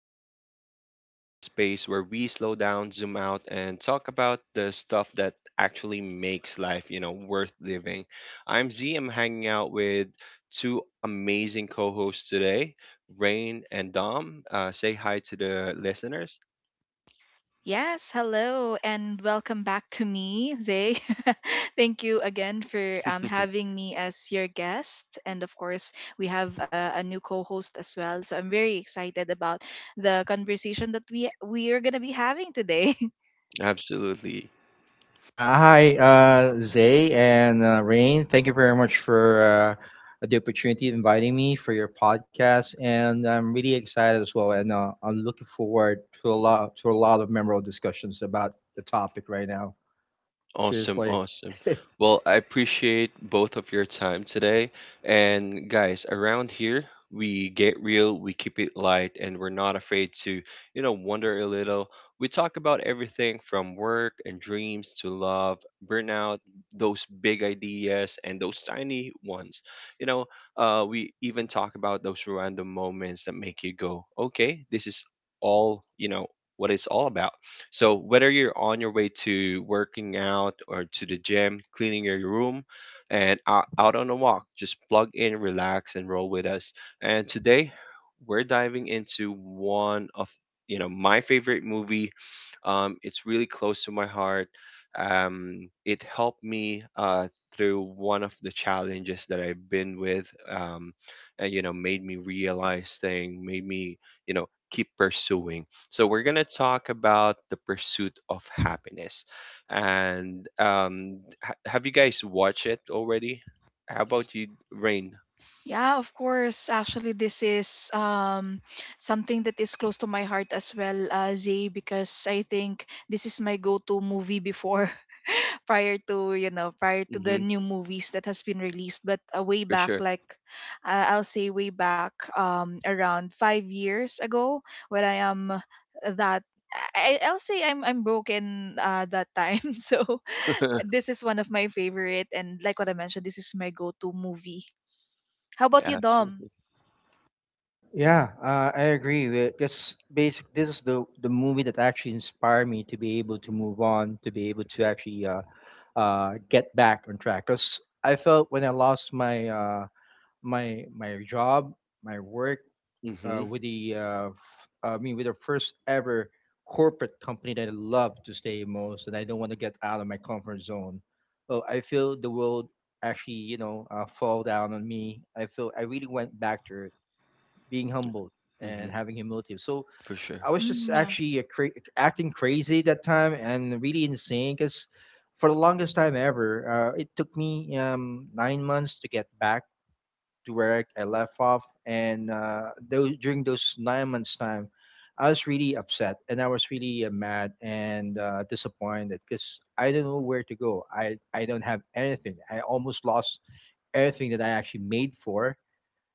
to Vibe Walkers, the space where we slow down, zoom out, and talk about the stuff that actually makes life worth living. I'm Z. I'm hanging out with two amazing co-hosts today, Rain and Dom. Say hi to the listeners. Yes, hello, and welcome back to me, Zay. Thank you again for having me as your guest. And of course, we have a new co host as well. So I'm very excited about the conversation that we are going to be having today. Absolutely. Yeah, hi, Zay and Rain. Thank you very much for the opportunity of inviting me for your podcast, and I'm really excited as well. And I'm looking forward to a lot of memorable discussions about the topic right now. Seriously, Awesome, awesome. Well, I appreciate both of your time today. And guys, around here, we get real, we keep it light, and we're not afraid to wonder a little. We talk about everything from work and dreams to love, burnout, those big ideas, and those tiny ones. You know, we even talk about those random moments that make you go, okay, this is all what it's all about. So whether you're on your way to working out or to the gym, cleaning your room, and out on a walk, just plug in, relax, and roll with us. And today, we're diving into one of my favorite movie. It's really close to my heart. It helped me through one of the challenges that I've been with, and made me realize thing, made me keep pursuing, so we're gonna talk about The Pursuit of Happiness. And ha have you guys watched it already? How about you, Rain? Yeah, of course. Actually, this is something that is close to my heart as well, Zay, because I think this is my go-to movie before, prior to prior to the Mm-hmm. new movies that has been released. But way For back, sure. like I'll say, way back, around 5 years ago, when I am that. I'll say I'm broken that time. So this is one of my favorite, and like what I mentioned, this is my go-to movie. How about Yeah, you, Dom? absolutely. yeah, I agree. This is the movie that actually inspired me to be able to move on, to be able to actually. Get back on track. Because I felt when I lost my job, my work Mm-hmm. with the with the first ever corporate company that I love to stay most, and I don't want to get out of my comfort zone. Well, I feel the world actually fall down on me. I feel I really went back to being humbled and Mm-hmm. having humility. So For sure. I was just Mm, yeah. Acting crazy that time and really insane because for the longest time ever, it took me 9 months to get back to where I left off. And those, during those 9 months' time, I was really upset and I was really mad and disappointed because I don't know where to go. I don't have anything. I almost lost everything that I actually made for,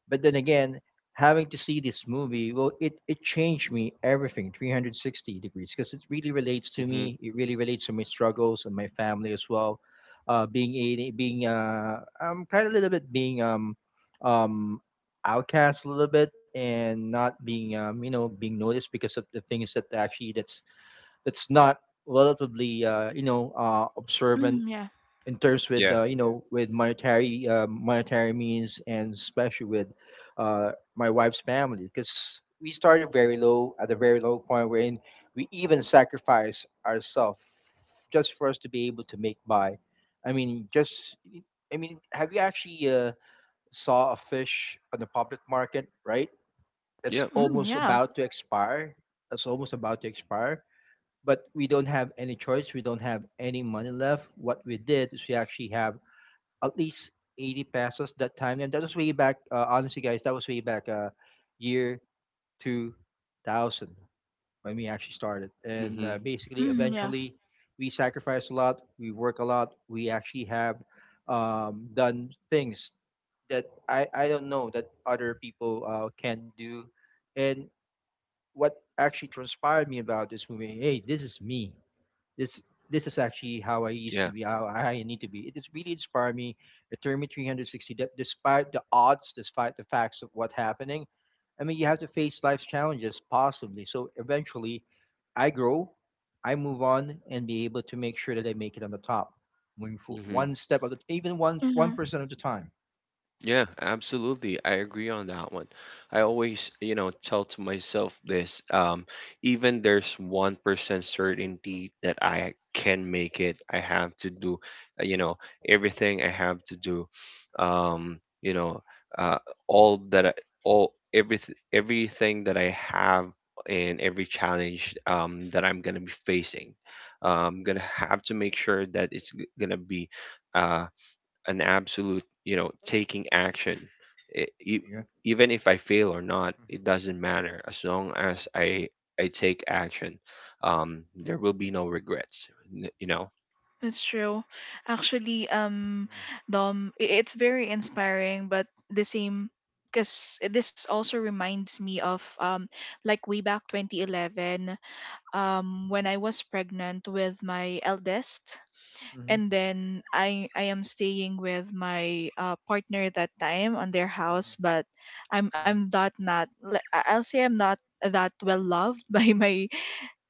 but then again, having to see this movie, well, it changed me everything 360 degrees because it really relates to Mm-hmm. me. It really relates to my struggles and my family as well. Being a being I'm kind of a little bit being um outcast a little bit and not being being noticed because of the things that actually that's not relatively observant Mm, yeah. in terms with Yeah. With monetary monetary means, and especially with my wife's family, because we started very low at a very low point wherein we even sacrifice ourselves just for us to be able to make by. I mean just I mean Have you actually saw a fish on the public market, right? It's Yep. Mm, almost yeah. about to expire, but we don't have any choice, we don't have any money left. What we did is we actually have at least 80 pesos that time. And that was way back, honestly, guys, that was way back year 2000 when we actually started. And Mm-hmm. Basically, Mm, yeah. eventually, we sacrificed a lot, we work a lot, we actually have done things that I don't know that other people can do. And what actually transpired me about this movie, hey, this is me. This this is actually how I used to Yeah. be, how I need to be. It has really inspired me. It turned me 360, that despite the odds, despite the facts of what's happening, I mean, you have to face life's challenges, possibly. So eventually, I grow, I move on, and be able to make sure that I make it on the top, moving for Mm-hmm. one step at the even one Mm, percent of the time. Yeah, absolutely. I agree on that one. I always, you know, tell to myself this, even there's 1% certainty that I can make it. I have to do, uh, you know, everything I have to do. Um, you know, uh, all that all everything that I have and every challenge that I'm gonna be facing. I'm gonna have to make sure that it's gonna be uh, an absolute taking action. I E- e- Yeah. even if I fail or not, Mm-hmm. it doesn't matter as long as I take action. There will be no regrets. that's true. Actually, Yeah. Dom, it's very inspiring, but the same, because this also reminds me of like way back 2011, when Mm-hmm. I was pregnant with my eldest. Mm-hmm. And then I am staying with my partner that time on their house, Mm-hmm. but I'm Mm-hmm. not I'll say I'm not that well loved by my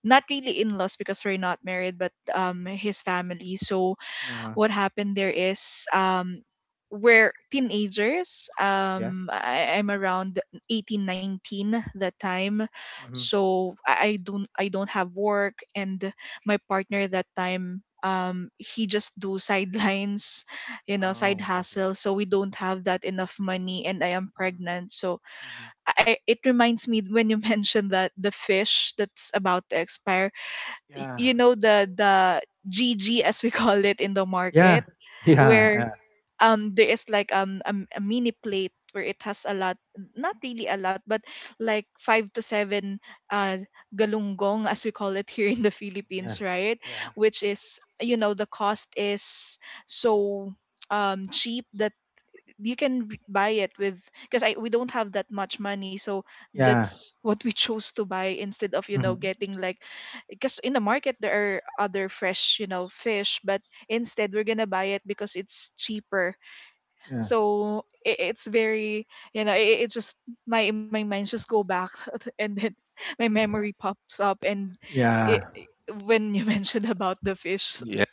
not really in laws, because we're not married, but his family. So Uh, what happened there is we're teenagers, yeah. I'm around 18, 19 that time. Mm-hmm. So I don't have work, and my partner that time, he just do sidelines, side Oh, I see. hustle, so we don't have that enough money, and I am Mm. pregnant. So Mm-hmm. I it reminds me when you mentioned that the fish that's about to expire, Yeah. you know, the gg as we call it in the Yeah. market, Yeah. where there is like, a mini plate where it has a lot, not really a lot, but like five to seven uh galunggong as we call it here in the Yeah, Philippines, right? yeah, Which is, you know, the cost is so cheap that you can buy it with, because I we don't have that much money. So yeah, that's what we chose to buy, instead of, mm, getting like, because in the market there are other fresh, fish, but instead we're gonna buy it because it's cheaper. yeah, So it's very, you know, it just, my minds just go back and then my memory pops up and yeah. it, it- when you mentioned about the fish, Yeah.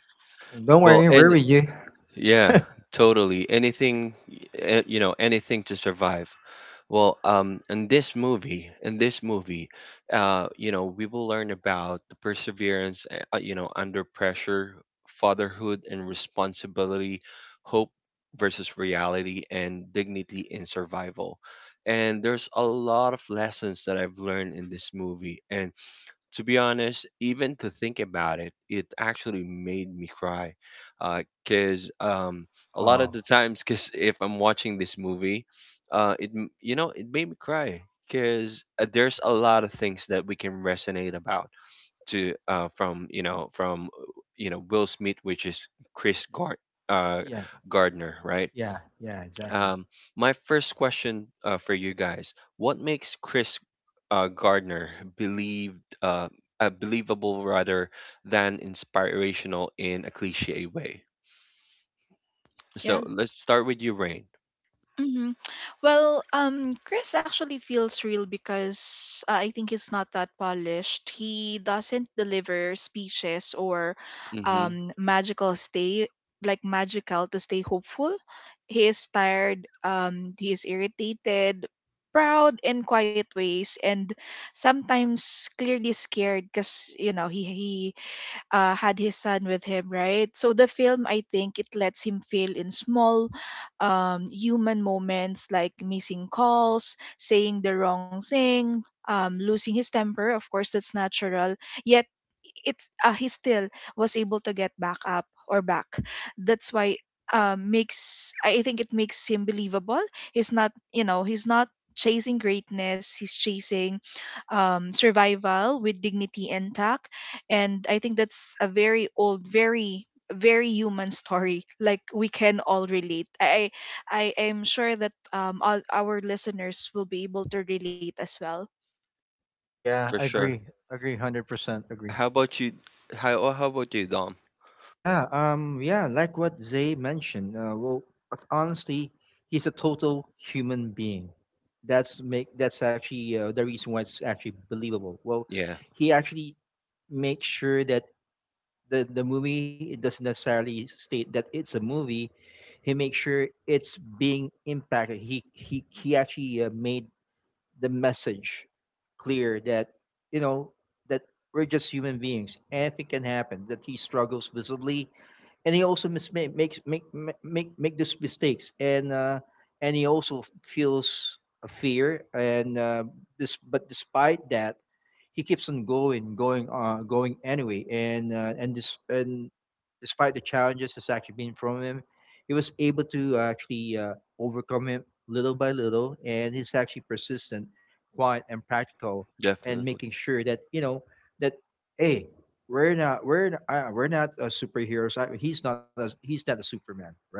Don't Well, worry, we're and with you. yeah, totally. Anything, anything to survive. Well, in this movie, we will learn about the perseverance, under pressure, fatherhood and responsibility, hope versus reality, and dignity in survival. And there's a lot of lessons that I've learned in this movie, and to be honest, even to think about it, it actually made me cry. Because a lot of Oh, the times, because if I'm watching this movie, it m- you know it made me cry. Because there's a lot of things that we can resonate about to from you know Will Smith, which is Chris Gard- uh, yeah, Gardner, right? yeah, yeah, exactly. Um, my first question for you guys: what makes Chris uh, Gardner believed, uh, uh, believable rather than inspirational in a cliche way? So yeah. let's start with you, Rain. hmm Well, Chris actually feels real because I think he's not that polished. He doesn't deliver speeches or Mm-hmm, magical stay, like magical to stay hopeful. He is tired. He is irritated, proud in quiet ways, and sometimes clearly scared, because you know he had his son with him, right? So the film, I think, it lets him feel in small, human moments, like missing calls, saying the wrong thing, losing his temper. Of course, that's natural. Yet, it's he still was able to get back up or back. That's why, makes I think it makes him believable. He's not chasing greatness. He's chasing survival with dignity intact, and I think that's a very old, very, very human story, like we can all relate. I am sure that all our listeners will be able to relate as well. for Yeah, I sure. agree, 100% agree. How about you? How about you, Dom? Yeah, yeah, like what Zay mentioned. But honestly, he's a total human being. That's actually the reason why it's actually believable. Well, Yeah, he actually makes sure that the movie, it doesn't necessarily state that it's a movie. He makes sure it's being impacted. He actually made the message clear that you know that we're just human beings. Anything can happen. That he struggles visibly, and he also mis- ma- makes make ma- make make these mistakes, and he also feels a fear. But despite that, he keeps on going, going anyway. And despite the challenges that's actually been from him, he was able to actually overcome him little by little. And he's actually persistent, quiet, and practical, and definitely. making sure that that hey, we're not superheroes. He's not a, he's not a Superman, right?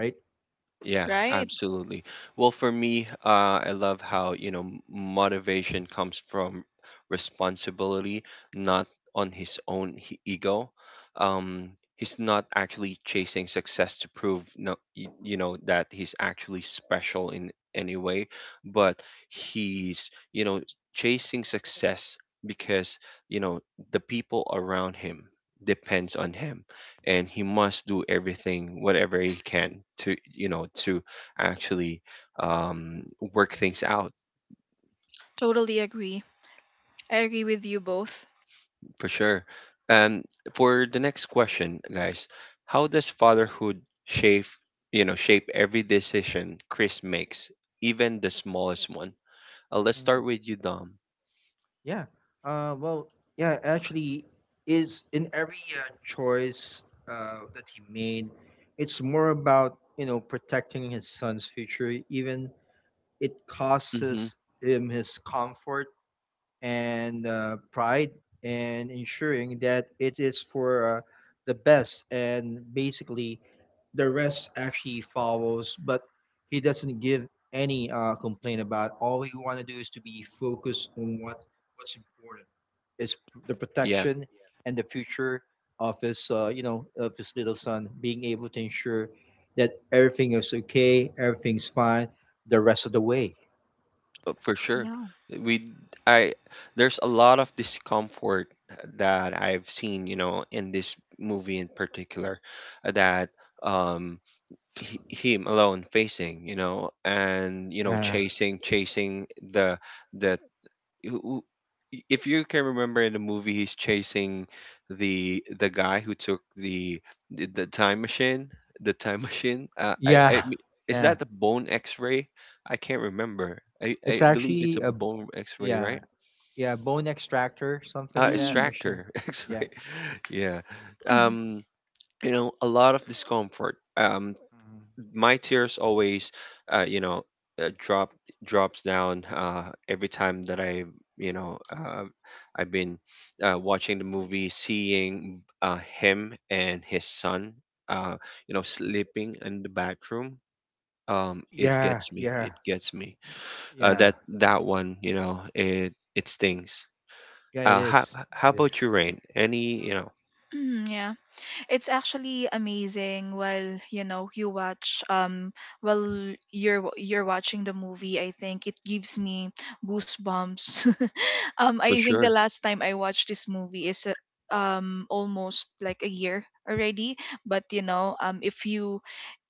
Yeah, Right. absolutely. Well, for me, I love how, motivation comes from responsibility, not on his own ego. Um, he's not actually chasing success to prove, no, that he's actually special in any way, but he's chasing success because, you know, the people around him depends on him, and he must do everything whatever he can to you know to actually um, work things out. Totally agree. I agree with you both. For sure. um, for the next question, guys, how does fatherhood shape you know shape every decision Chris makes, even the smallest one? Let's start with you, Dom. Yeah. Uh, well, yeah, actually, is in every choice that he made, it's more about you know protecting his son's future, even it Mm-hmm. costs him his comfort and pride, and ensuring that it is for the best, and basically the rest actually follows. But he doesn't give any complaint. About all he want to do is to be focused on what what's important is the protection and the future of his of his little son, being able to ensure that everything is okay, everything's fine the rest of the way. For sure. Yeah. We I There's a lot of discomfort that I've seen in this movie in particular, that um he, him alone facing, and Yeah. chasing the the who- if you can remember, in the movie, he's chasing the guy who took the time machine the time machine. Yeah. Is Yeah. that the bone x-ray? I can't remember. I It's believe it's actually a a bone x-ray, yeah, right? yeah, bone extractor, something like that Mm. machine. Extractor. Yeah. X-ray. Yeah. Mm. um a lot of discomfort. Mhm. My tears always uh you know drop drops down every time that I you know I've been watching the movie, seeing him and his son, uh sleeping in the back room. It Yeah, gets me, it yeah, gets me. Yeah, That one, it stings. yeah, it uh how is. how It is. about you, Rain? Any you know Mm, yeah. It's actually amazing while, you know, you watch, while you're watching the movie. I think it gives me goosebumps. I for think the sure. last time I watched this movie is almost like a year already. But you know,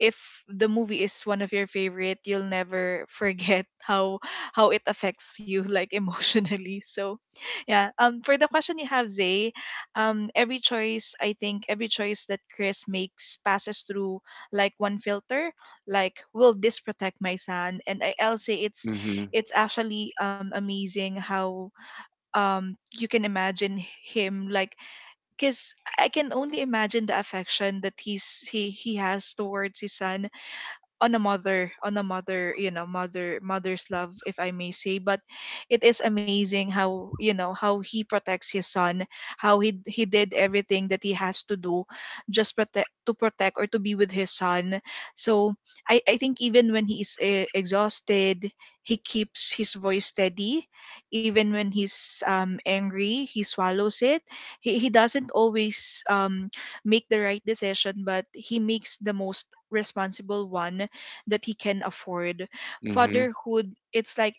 if the movie is one of your favorite, you'll never forget how it affects you, like emotionally. So yeah. For the question you have, Zay, every choice, I think every choice that Chris makes passes through, like, one filter, like, will this protect my son. And I'll say Mm-hmm. it's actually, amazing how, you can imagine him, like, because I can only imagine the affection that he has towards his son, on a mother, you know, mother, mother's love, if I may say. But it is amazing how, you know, how he protects his son, how he did everything that he has to do, just protect to protect, or to be with his son. So I think, even when he is exhausted, he keeps his voice steady. Even when he's angry, he swallows it. He doesn't always make the right decision, but he makes the most responsible one that he can afford. Mm-hmm. Fatherhood, it's like,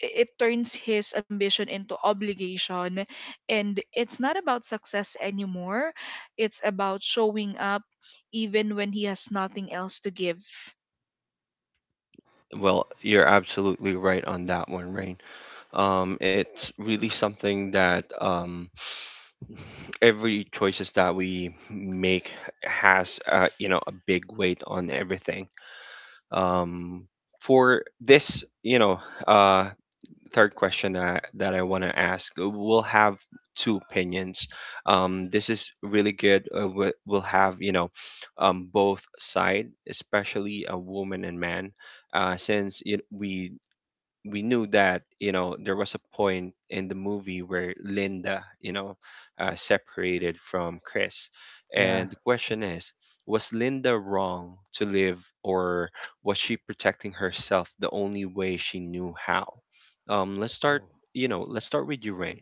it turns his ambition into obligation, and it's not about success anymore. It's about showing up, even when he has nothing else to give. Well, you're absolutely right on that one, Rain. It's really something that every choices that we make has a big weight on everything. Um, for thisuh, third question that I want to ask, we'll have two opinions. This is really good. We'll have both side, especially a woman and man, since it, we knew that there was a point in the movie where Linda separated from Chris, Yeah. and the question is, was Linda wrong to live, or was she protecting herself the only way she knew how? Let's start. Oh. Let's start with you, Rain.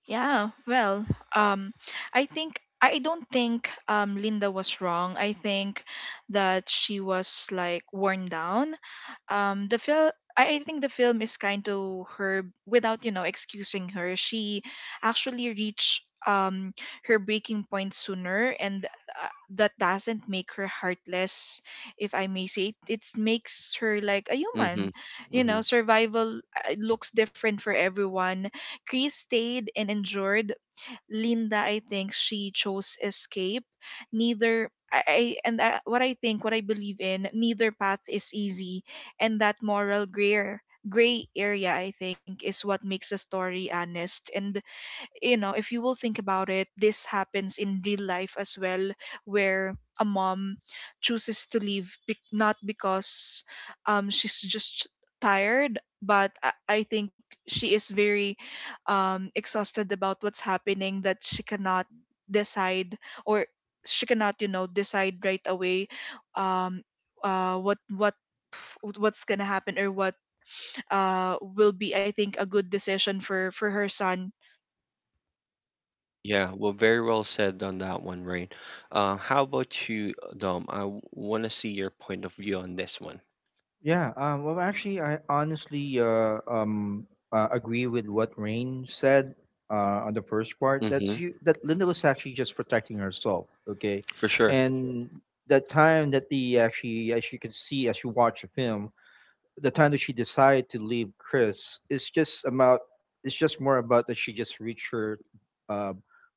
Yeah, well, um, I think I don't think Linda was wrong. I think that she was like worn down. The film. I think the film is kind to her without, you know, excusing her. She actually reached her breaking point sooner, and that doesn't make her heartless, if I may say. It makes her like a Mm-hmm. human. You know, Mm-hmm. survival looks different for everyone. Chris stayed and endured. Linda, I think, she chose escape. Neither I I- and I, what I think, what I believe in, neither path is easy, and that moral gray area, I think, is what makes the story honest. And, you know, if you will think about it, this happens in real life as well, where a mom chooses to leave, bec not because, she's just tired, but I think she is very, exhausted about what's happening, that she cannot decide, or she cannot, you know, decide right away, um, uh, what what what's gonna happen, or what will be, I think, a good decision for her son. Yeah, well, very well said on that one, Rain. How about you, Dom? I want to see your point of view on this one. Yeah, well, actually, I honestly agree with what Rain said on the first part, Mm-hmm. That Linda was actually just protecting herself, okay, For sure. and that time that, the actually, as you can see, as you watch the film, the time that she decided to leave Chris is just about, it's just more about that she just reached her uh,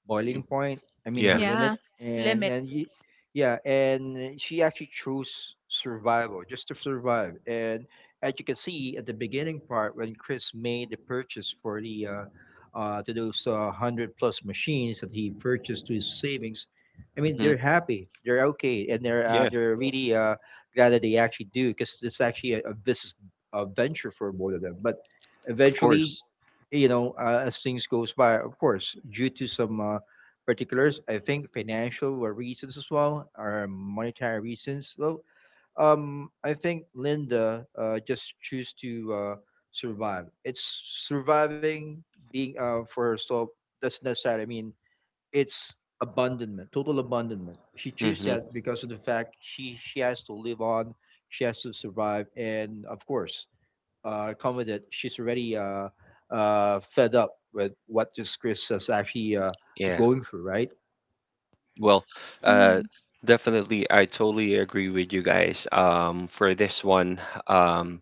boiling Y- point. I mean her Yeah. limit, Yeah, and limit. and y- yeah, and she actually chose survival, just to survive. And as you can see at the beginning part, when Chris made the purchase for the to those hundred plus machines that he purchased to his savings, I mean Hmm. they're happy, they're okay, and Yeah, they're really glad that they actually do, because it's actually a business, a venture for both of them. But of eventually, course. you know, as things goes by, of course, due to some particulars, I think financial were reasons as well, or monetary reasons. Well, I think Linda just choose to survive. It's surviving being for herself, doesn't necessarily mean it's abandonment, total abandonment. She chose Hmm. that because of the fact she has to live on, she has to survive, and of course, come she's already fed up with what this Chris is actually Yeah. going through, right? Well, uh, Mm, definitely, I totally agree with you guys. For this one, um,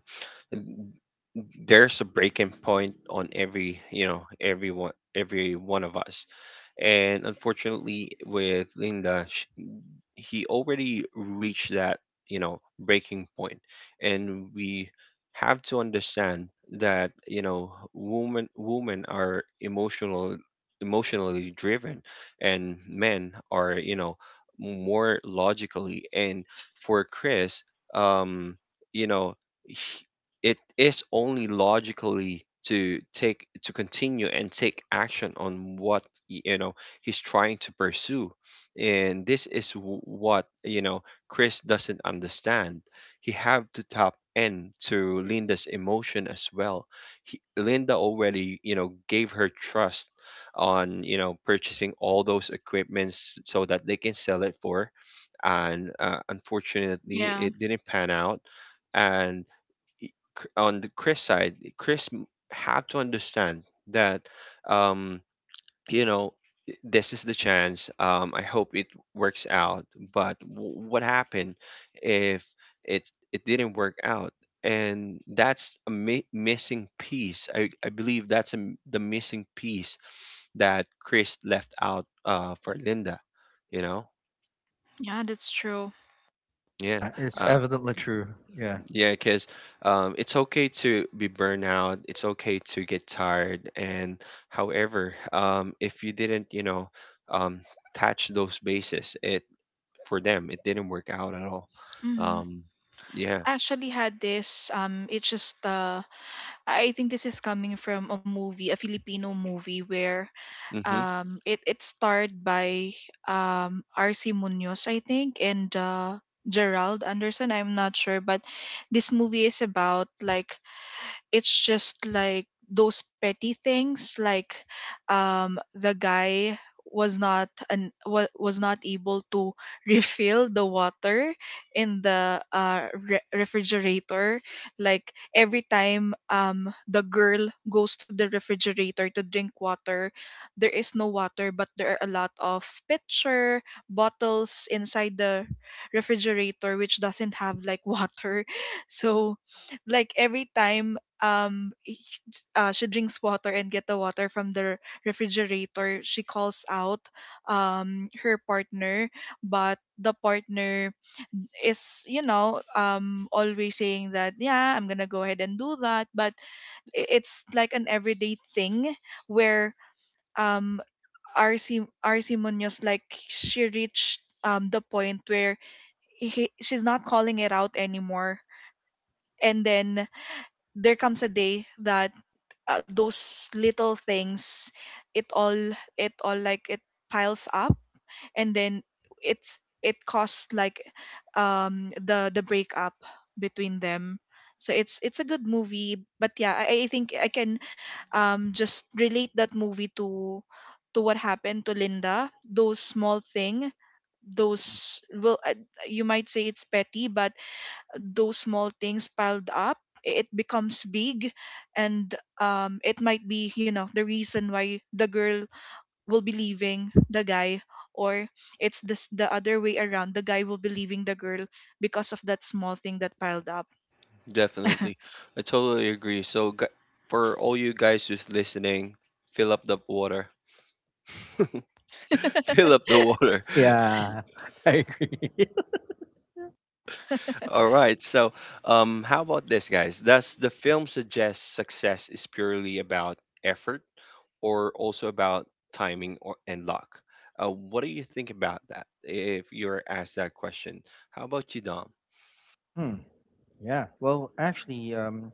there's a breaking point on everyone, every one of us. And unfortunately, with Linda, he already reached that, breaking point. And we have to understand that, women are emotionally driven, and men are, more logically. And for Chris, um, you know, he- it is only logically to continue and take action on what he's trying to pursue, and this is what Chris doesn't understand. He have to tap into Linda's emotion as well. Linda already gave her trust on purchasing all those equipments so that they can sell it for, and unfortunately yeah, it didn't pan out. And on the Chris side, have to understand that um you know this is the chance. I hope it works out, but what happened if it didn't work out? And that's a missing piece. I believe that's a m the missing piece that Chris left out for Linda you know yeah, that's true. yeah. Yeah, it's uh evidently true. Yeah. yeah, because it's okay to be burnout, it's okay to get tired. And however, if you didn't um touch those bases, it for them it didn't work out at all. Mm. um yeah. I actually had this. It's just, I think this is coming from a movie, a Filipino movie where, Hmm. It starred by, R.C. Munoz, I think, and Gerald Anderson. I'm not sure, but this movie is about, like, it's just like those petty things, like the guy was not able to refill the water in the refrigerator. Like, every time the girl goes to the refrigerator to drink water, there is no water, but there are a lot of pitcher bottles inside the refrigerator which doesn't have, like, water. So, like, every time um h- she drinks water and get the water from the refrigerator, she calls out her partner, but the partner is, always saying that, yeah, I'm gonna go ahead and do that. But it's like an everyday thing, where um RC Munoz, like, she reached the point where, she's not calling it out anymore. And then there comes a day that, those little things, it all it all like it piles up. And then, it costs, like, the breakup between them. So it's a good movie, but yeah, I think I can just relate that movie to what happened to Linda. Those small thing, those, well, you might say it's petty, but those small things piled up. It becomes big, and it might be, you know, the reason why the girl will be leaving the guy, or it's this the other way around, the guy will be leaving the girl, because of that small thing that piled up. Definitely, I totally agree. So, for all you guys who's listening, fill up the water. Fill up the water. Yeah, I agree. All right. So how about this, guys? Does the film suggest success is purely about effort, or also about timing or and luck? What do you think about that if you're asked that question? How about you, Dom? Hmm. Yeah. Well, actually, um,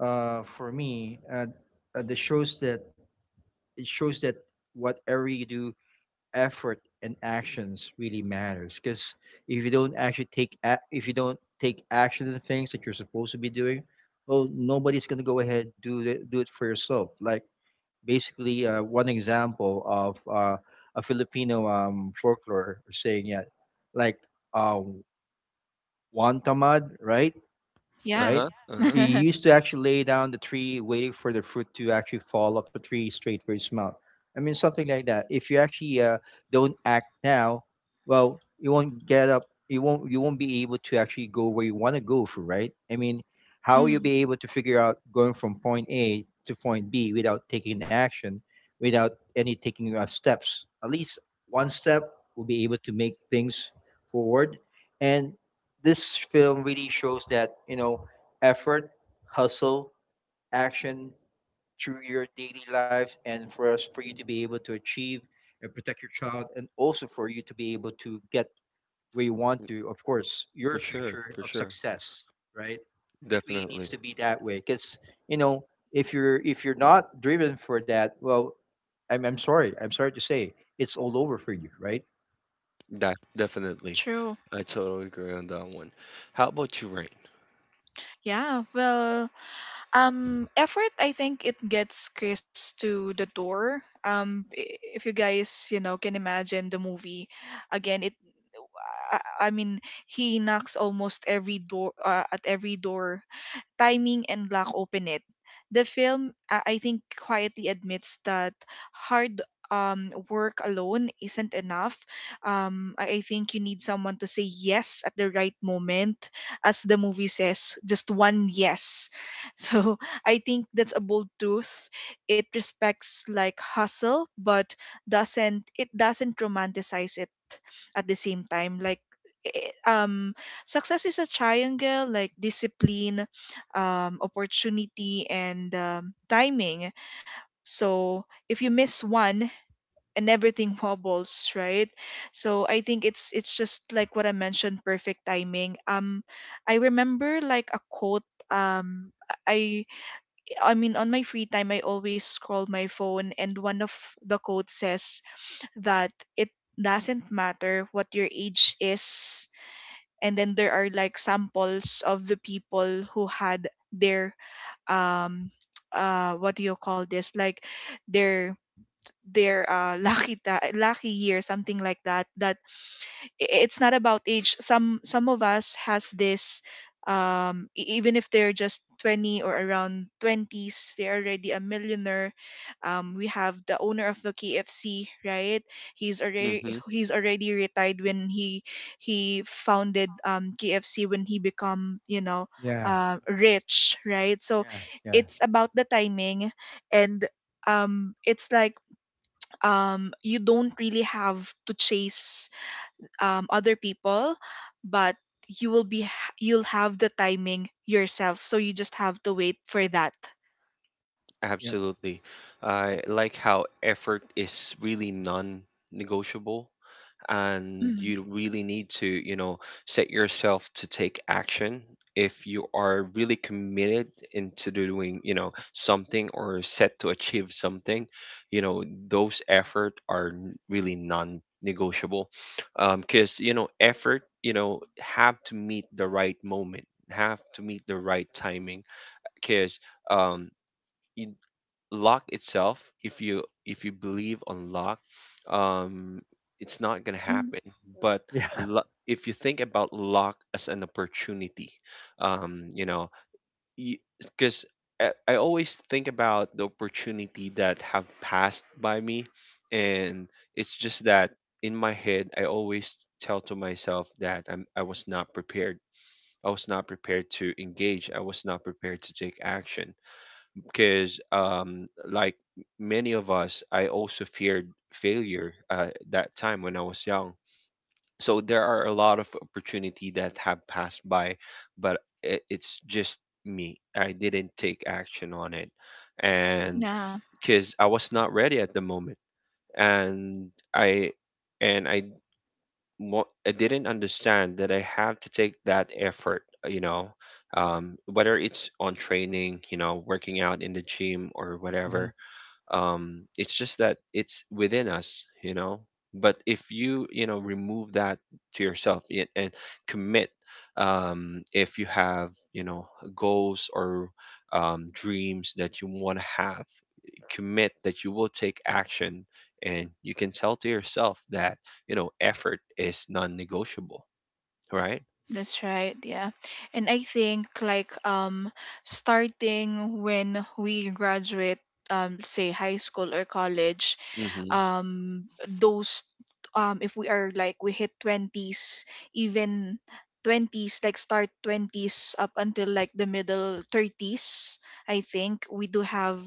uh, for me, the shows that it shows that whatever you do, effort and actions really matters. Because if you don't actually if you don't take action to the things that you're supposed to be doing, well, nobody's going to go ahead do it, do it for yourself. Like, basically, one example of a Filipino folklore saying, yeah, like, uh, one tamad, right? Yeah. Right? Uh-huh. Uh-huh. He used to actually lay down the tree, waiting for the fruit to actually fall off the tree straight for his mouth. I mean, something like that. If you actually don't act now, well, you won't get up. You won't. You won't be able to actually go where you want to go for, right? I mean, how will you Mm, be able to figure out going from point A to point B without taking action, without any taking steps? At least one step will be able to make things forward, and this film really shows that you know effort, hustle, action through your daily life, and for us, for you to be able to achieve and protect your child, and also for you to be able to get where you want to, of course, your For sure, future for of sure. success, right? It really needs Definitely. to be that way, because you know, if you're, if you're not driven for that, well, I'm sorry, I'm sorry to say, it's all over for you, right? That definitely. true. I totally agree on that one. How about you, Rain? Yeah, well, effort, I think, it gets Chris to the door. If you guys, you know, can imagine the movie again, I, I mean, he knocks almost every door, at every door. Timing and lack open it. The film, I think, quietly admits that hard, work alone isn't enough. I think you need someone to say yes at the right moment, as the movie says, just one yes. So I think that's a bold truth. It respects, like, hustle, but doesn't it doesn't romanticize it. At the same time, like, eh, eh, um success is a triangle, like discipline, opportunity, and timing. So if you miss one, and everything wobbles, right? So I think it's, just like what I mentioned, perfect timing. I remember, like, a quote. Um, I I mean, on my free time I always scroll my phone, and one of the quotes says that it doesn't matter what your age is. And then there are, like, samples of the people who had their um what do you call this, like, their their lucky year, something like that. It's not about age. Some of us has this, even if they're just 20 or around 20s, they're already a millionaire. We have the owner of the KFC, right? he's already Mm-hmm. he's already retired when he founded KFC when he become, you know, Yeah. Rich, right? So Yeah. Yeah. it's about the timing. And it's, like, you don't really have to chase other people, but you will you'll have the timing yourself, so you just have to wait for that. Yep. Absolutely. Yep. I like how effort is really non-negotiable. And Mm. you really need to set yourself to take action if you are really committed into doing something or set to achieve something, you know those effort are really non-negotiable. Because effort have to meet the right moment, have to meet the right timing. Because um, luck itself, if you believe on luck, um it's not going to Mm. happen. But Yeah. lu- if you think about luck as an opportunity, um you know because I always think about the opportunity that have passed by me. And it's just that in my head I always tell to myself that I was not prepared. I was not prepared to engage, I was not prepared to take action. Because many of us, I also feared failure that time when I was young. So there are a lot of opportunity that have passed by, but it's just me, I didn't take action on it. And Yeah, because I was not ready at the moment. And i and i wa- I didn't understand that I have to take that effort, whether it's on training, working out in the gym or Hmm. whatever. It's just that it's within us, but if you you know remove that to yourself and commit, if you have goals or dreams that you want to have, commit that you will take action. And you can tell to yourself that effort is non-negotiable, right? that's right. Yeah. And I think, like, starting when we graduate, say, high school or college. Mm-hmm. um those, if we are, like, we hit 20s, even 20s, like, start 20s up until, like, the middle 30s, I think we do have—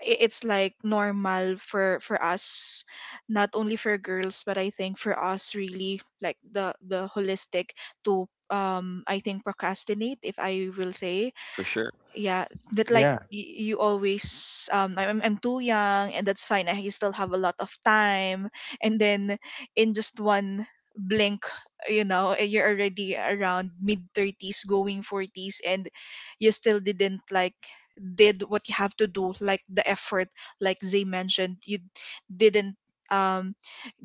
it's, like, normal for us, not only for girls, but I think for us, really, like, the holistic to, I think, procrastinate, if I will say. For sure, Yeah, that, like, Yeah. You always, I'm too young and that's fine, I still have a lot of time. And then in just one blink, you know, you're already around mid 30s going 40s, and you still didn't, like, did what you have to do, like, the effort, like Zay mentioned. You didn't um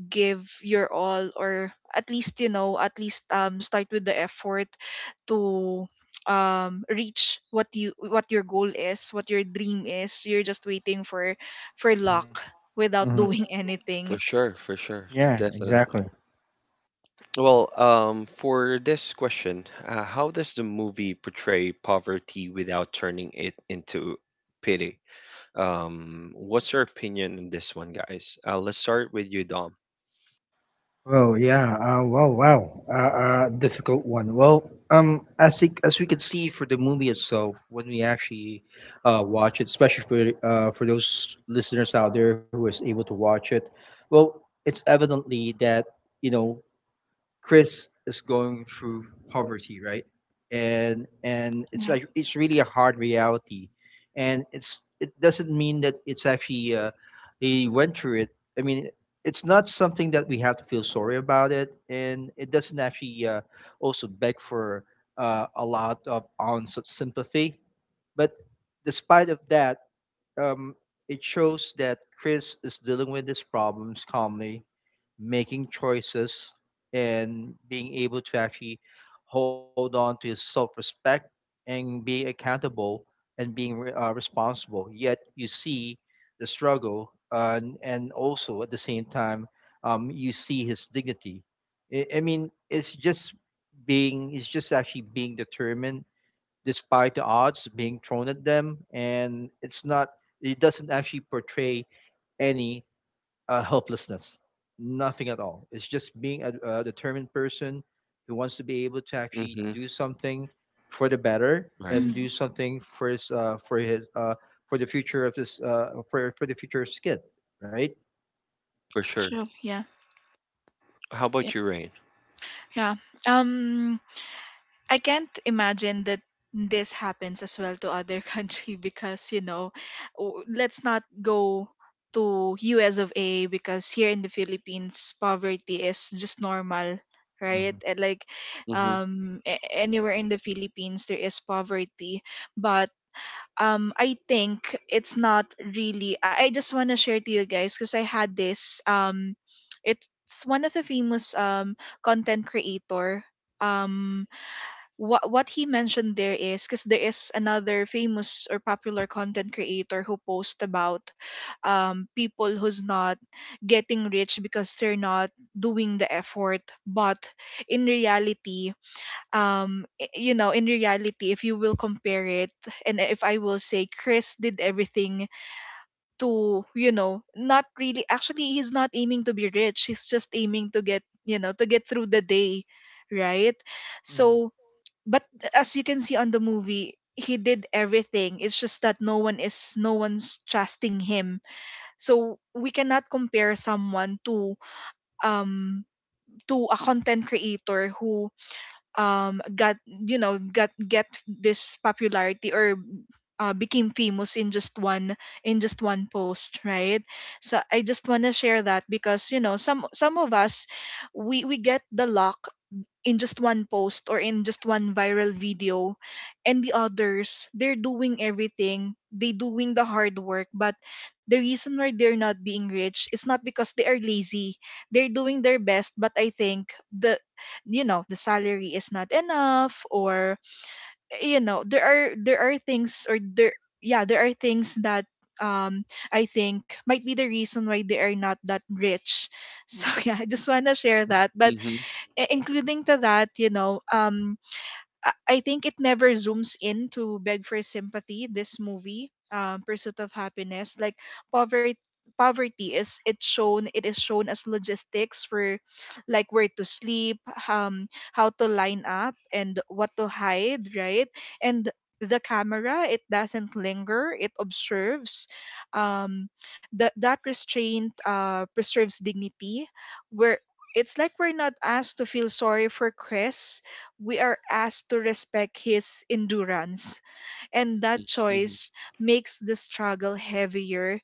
give your all, or at least, you know, at least start with the effort to reach what you— what your goal is, what your dream is. You're just waiting for luck Hmm. without Hmm. doing for anything. sure. For sure, Yeah. definitely. Exactly. Well, for this question, how does the movie portray poverty without turning it into pity? What's your opinion on this one, guys? Let's start with you, Dom. Well, yeah. Difficult one. Well, as think as we could see for the movie itself, when we actually watch it, especially for those listeners out there who is able to watch it, well, it's evidently that you know Chris is going through poverty, right? And it's Yeah. like it's really a hard reality, and it doesn't mean that it's actually he went through it. I mean, it's not something that we have to feel sorry about it, and it doesn't actually also beg for a lot of ounce of sympathy. But despite of that, um, it shows that Chris is dealing with his problems calmly, making choices, and being able to actually hold on to his self respect and be accountable and being responsible. Yet you see the struggle, and also at the same time, you see his dignity. I mean, it's just it's just actually being determined despite the odds being thrown at them, and it's not. It doesn't actually portray any helplessness, nothing at all. It's just being a determined person who wants to be able to actually Mm-hmm. do something for the better Right, and Mm, do something for his for his for the future of his for the future of his kid, right? for sure. true. Yeah. How Yeah. about you, Rain? Yeah. um I can't imagine that this happens as well to other country, because, you know, let's not go to US of A, because here in the Philippines poverty is just normal, right? Mm-hmm. And, like, Mm-hmm. Anywhere in the Philippines there is poverty. But I think it's not really— I just want to share to you guys, because I had this, it's one of the famous content creator. um what he mentioned there is, because there is another famous or popular content creator who posts about people who's not getting rich because they're not doing the effort. But in reality, you know, in reality, if you will compare it, and if I will say, Chris did everything to, you know, not really— actually, he's not aiming to be rich, he's just aiming to get, you know, to get through the day, right? Mm-hmm. So but as you can see on the movie, he did everything. It's just that no one is, no one's trusting him. So we cannot compare someone um to a content creator who got, you know, got get this popularity or became famous in just one— in just one post, right? So I just want to share that, because, you know, some of us, we get the luck in just one post or in just one viral video. And the others, they're doing everything, they doing the hard work, but the reason why they're not being rich is not because they are lazy. They're doing their best, but I think the, you know, the salary is not enough, or, you know, there are things, or there yeah, there are things that um I think might be the reason why they are not that rich. So yeah, I just want to share that. But Mm-hmm. Including to that, you know, I think it never zooms in to beg for sympathy. This movie, Pursuit of Happiness, like poverty, poverty is it's shown. It is shown as logistics for, like, where to sleep, um, how to line up, and what to hide, right? And the camera, it doesn't linger. It observes. Um, that restraint preserves dignity, where. It's like we're not asked to feel sorry for Chris, we are asked to respect his endurance, and that Mm-hmm. choice makes the struggle heavier,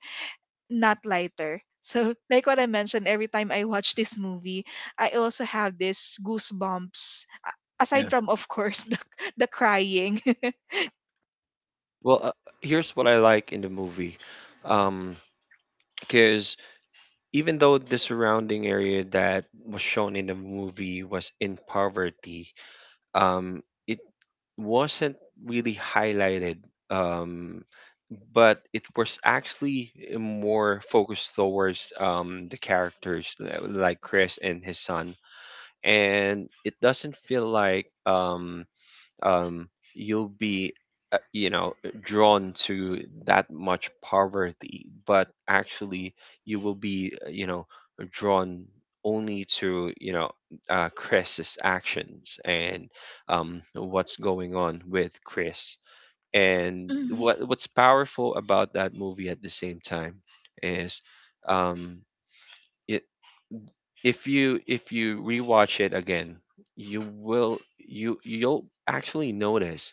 not lighter. So, like what I mentioned, every time I watch this movie, I also have this goosebumps. Yeah. Aside from, of course, the crying. Well, here's what I like in the movie. Mm-hmm. Um, because even though the surrounding area that was shown in the movie was in poverty, um, it wasn't really highlighted, um, but it was actually more focused towards the characters like Chris and his son. And it doesn't feel like um, you'll be uh, you know drawn to that much poverty, but actually you will be drawn only to Chris's actions and what's going on with Chris. And Hmm. what what's powerful about that movie at the same time is um, I if you rewatch it again, you will you'll actually notice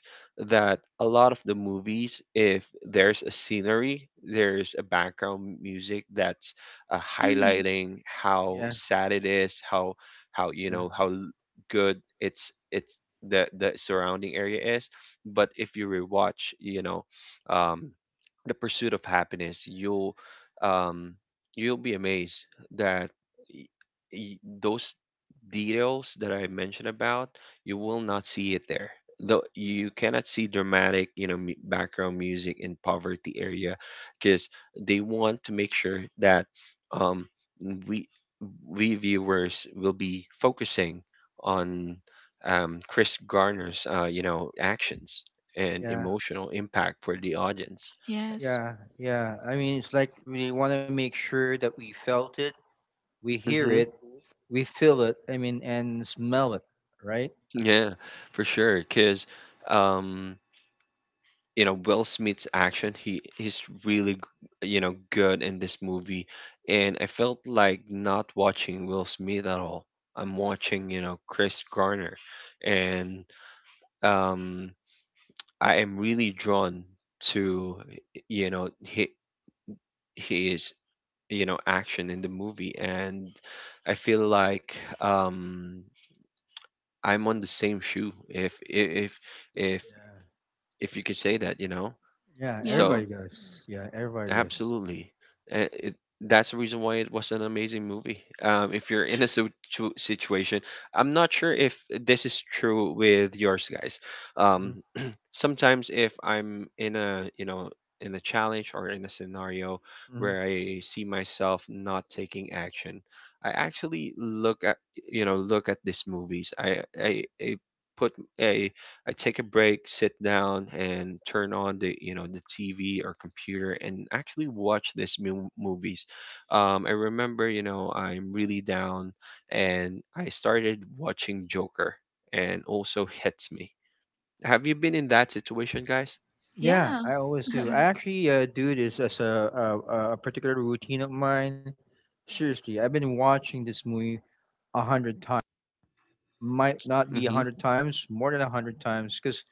that a lot of the movies, if there's a scenery, there's a background music that's Hmm. highlighting how Yeah, sad it is, how how you yeah, know how l- good it's the surrounding area is. But if you rewatch, um, the pursuit of happiness, um, you'll be amazed that those details that I mentioned about, you will not see it there. Though you cannot see dramatic, background music in poverty area, because they want to make sure that um, we we viewers will be focusing on Chris Garner's, actions and yeah, emotional impact for the audience. Yes. yeah. I mean, it's like we want to make sure that we felt it we hear Mm-hmm. it, we feel it. I mean, and smell it, right? Yeah, for sure. Because Will Smith's action, he's really good in this movie, and I felt like not watching Will Smith at all. I'm watching Chris Garner, and um, I am really drawn to he his action in the movie. And I feel like um, I'm on the same shoe, if Yeah, if you could say that, yeah, So Yeah. everybody does. Yeah, everybody does. absolutely. And that's the reason why it was an amazing movie. If you're in a situation, I'm not sure if this is true with yours, guys. Um, sometimes if I'm in a, in a challenge or in a scenario Mm-hmm. where I see myself not taking action, I actually look at, look at these movies. I put, I I take a break, sit down, and turn on the the TV or computer and actually watch these movies. I remember I'm really down, and I started watching Joker, and also hits me. Have you been in that situation, guys? Yeah, Yeah. I always do. I actually do this as a particular routine of mine. Seriously, I've been watching this movie a hundred times. Might not be a Mm-hmm. hundred times, more than a hundred times, because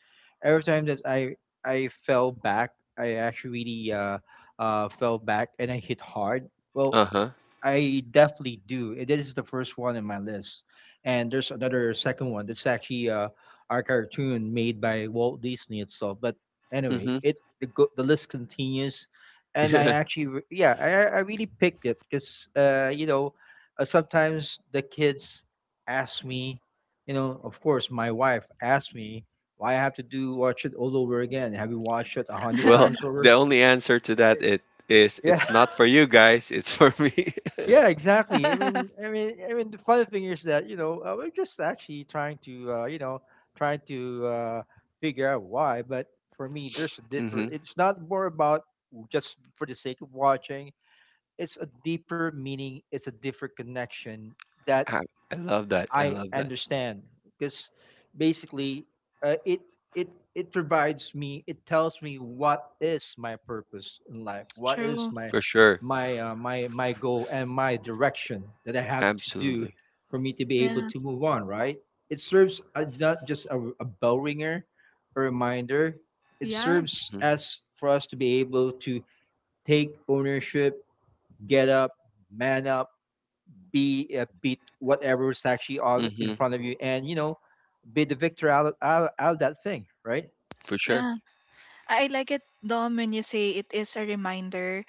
every time that I fell back, I actually fell back and I hit hard. Well, Uh-huh. I definitely do. It is the first one in my list, and there's another second one that's actually our cartoon made by Walt Disney itself. But anyway, Mm-hmm. the list continues, and I actually yeah I really picked it because you know sometimes the kids ask me, you know, of course my wife asked me why I have to do watch it all over again. Have you watched it a hundred Well, times the over? only answer to that, it is Yeah. it's not for you guys, it's for me. Yeah, exactly. I mean, the funny thing is that you know we're just actually trying to you know trying to figure out why. But for me, there's a Mm-hmm. differ. It's not more about just for the sake of watching. It's a deeper meaning. It's a different connection that I, I love that. I I love that. understand because basically uh, it it provides me it tells me what is my purpose in life what is True. my For sure. My goal and my direction that I have to do Absolutely. for me to be able Yeah. to move on right it serves not just a bell ringer a reminder it Yeah. serves as for us to be able to take ownership get up man up be beat whatever is actually on in Mm-hmm. front of you, and you know, be the victor out of that thing, right? For sure. Yeah. I like it, Dom, when you say it is a reminder,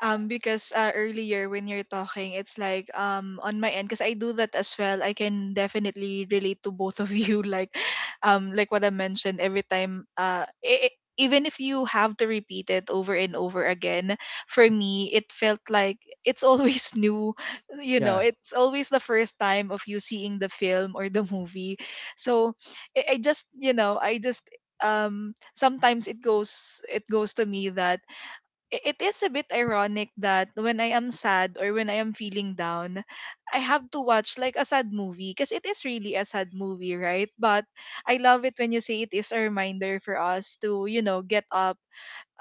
because, earlier when you're talking, it's like, on my end, because I do that as well, I can definitely relate to both of you. Like, like what I mentioned, every time, even if you have to repeat it over and over again, for me it felt like it's always new. You know, Yeah, it's always the first time of you seeing the film or the movie. So I just, you know, I just, sometimes it goes to me that it is a bit ironic that when I am sad or when I am feeling down, I have to watch, like, a sad movie, because it is really a sad movie, right? But I love it when you say it is a reminder for us to, you know, get up,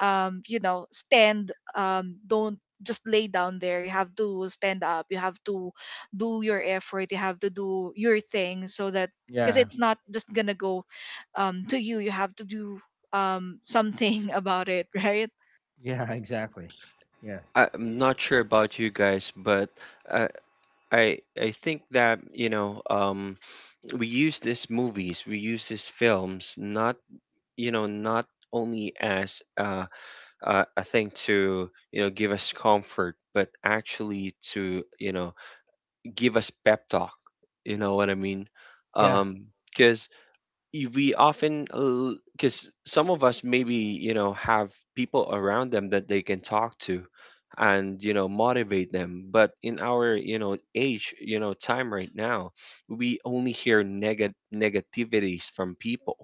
you know, stand, don't just lay down there. You have to stand up. You have to do your effort. You have to do your thing so that, because yeah, it's not just gonna go to you. You have to do something about it, right? yeah, exactly. Yeah, I'm not sure about you guys, but I I think that, we use these movies, we use these films not, not only as a thing to, give us comfort, but actually to, give us pep talk. You know what I mean? yeah, Because we often, because some of us maybe have people around them that they can talk to and motivate them, but in our age time right now, we only hear negativities from people.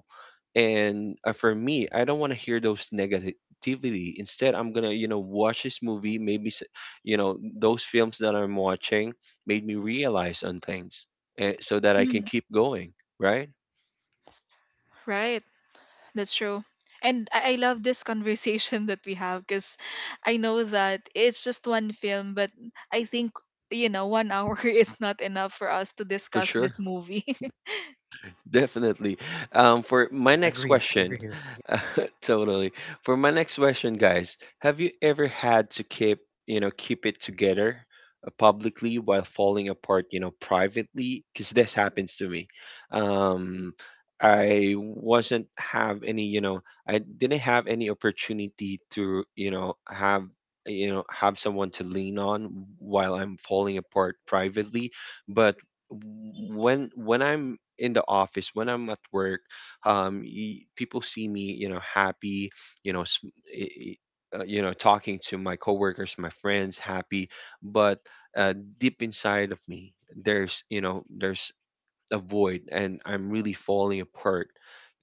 And for me, I don't want to hear those negativity. Instead, I'm gonna watch this movie, maybe those films that I'm watching made me realize on things, eh, so that I can Mm, keep going, right? right. That's true. And I love this conversation that we have, because I know that it's just one film, but I think, you know, 1 hour is not enough for us to For discuss sure. this movie. Definitely. For my yeah next agree, question, agree here. Yeah, totally. For my next question, guys, have you ever had to keep, keep it together publicly while falling apart, privately? Because this happens to me. Um, I wasn't have any, I didn't have any opportunity to, have have someone to lean on while I'm falling apart privately. But when I'm in the office, when I'm at work, people see me, happy, you know, sm- talking to my coworkers, my friends, happy, but uh, deep inside of me, there's, there's a void, and I'm really falling apart.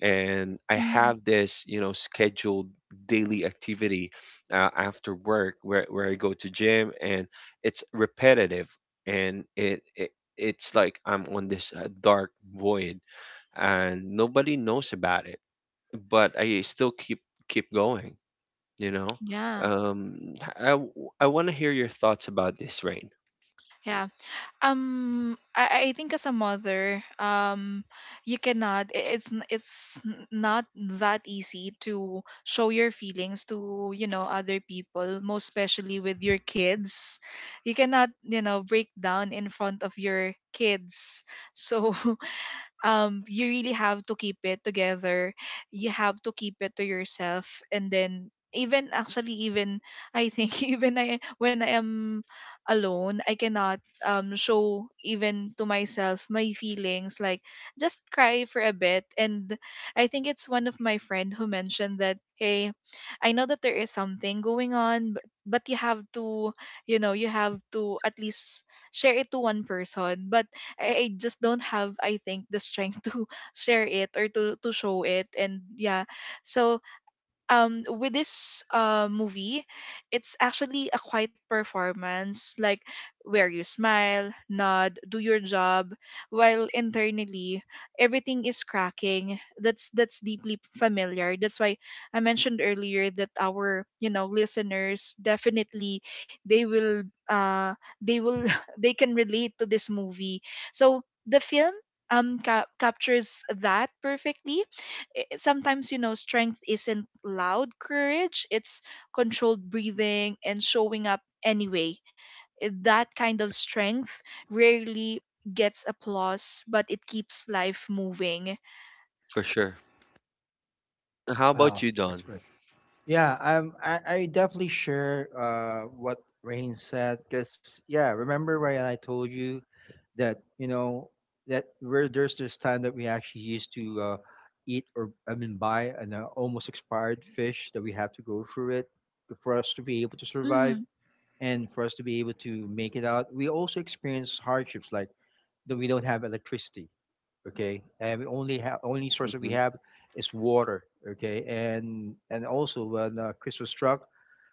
And I Mm, have this, scheduled daily activity after work, where I go to gym, and it's repetitive. And it it's like I'm on this dark void, and nobody knows about it, but I still keep going, you know yeah. um i w- I want to hear your thoughts about this, Rain. Yeah. Yeah. I think as a mother, you cannot. It's not that easy to show your feelings to, you know, other people, most especially with your kids. You cannot, you know, break down in front of your kids. So, you really have to keep it together, you have to keep it to yourself, and then even actually, even I think, even I, when I am alone, I cannot show even to myself my feelings, like, just cry for a bit. And I think it's one of my friend who mentioned that, hey, I know that there is something going on, but you have to, you know, you have to at least share it to one person. But I just don't have, I think, the strength to share it or to show it. And yeah, so with this movie, it's actually a quiet performance, like, where you smile, nod, do your job while internally everything is cracking. That's deeply familiar. That's why I mentioned earlier that our, you know, listeners definitely, they will, uh they will they can relate to this movie. So the film captures that perfectly. Sometimes, you know, strength isn't loud courage, it's controlled breathing and showing up anyway. That kind of strength rarely gets applause, but it keeps life moving. For sure. How about wow, you, that's Don? great. Yeah, I definitely share what Rain said because yeah, remember when I told you that you know that where there's this time that we actually used to eat or I mean buy an almost expired fish that we have to go through it for us to be able to Hmm. survive and for us to be able to make it out. We also experience hardships like that we don't have electricity, okay, and we only have only source that we Mhm. have is water, okay, and also when Christmas struck,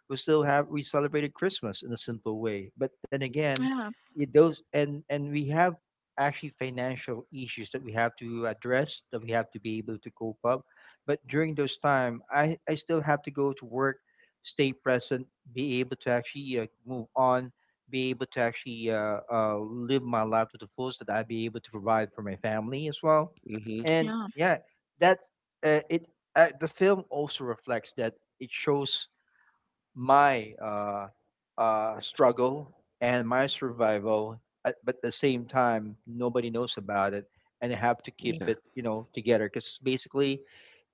we still have we celebrated Christmas in a simple way. But then again, Yeah. it those and we have actually financial issues that we have to address that we have to be able to cope up. But during those time, I still have to go to work, stay present, be able to actually move on, be able to actually live my life to the fullest that I be able to provide for my family as well. Mhm. And Yeah. yeah, that it the film also reflects that it shows my struggle and my survival, but at the same time, nobody knows about it, and I have to keep Yeah, it, you know, together. Because basically,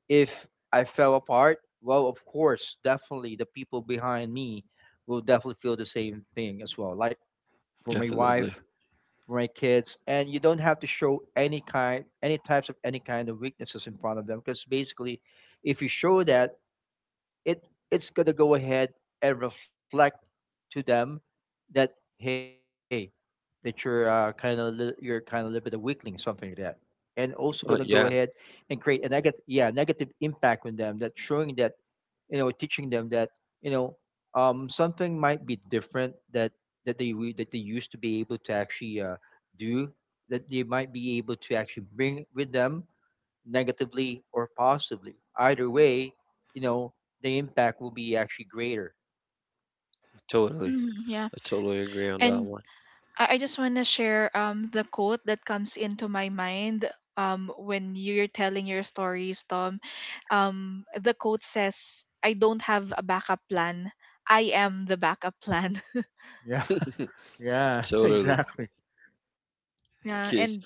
if I fell apart, well, of course, definitely the people behind me will definitely feel the same thing as well. Like for my definitely. wife, for my kids, and you don't have to show any kind, any types of any kind of weaknesses in front of them, because basically, if you show that it it's gonna go ahead and reflect to them that hey that you're kind of you're kind of a little bit of weakling something like that and also gonna go Oh ahead yeah, and create a negative yeah negative impact on them that showing that you know teaching them that you know something might be different that that they used to be able to actually do that they might be able to actually bring with them negatively or positively. Either way, you know, the impact will be actually greater. totally. Hmm. Yeah, I totally agree on that and one. I just want to share the quote that comes into my mind when you're telling your stories, Tom. The quote says, I don't have a backup plan, I am the backup plan. Yeah. Yeah. Totally. Exactly. Yeah, Yes, and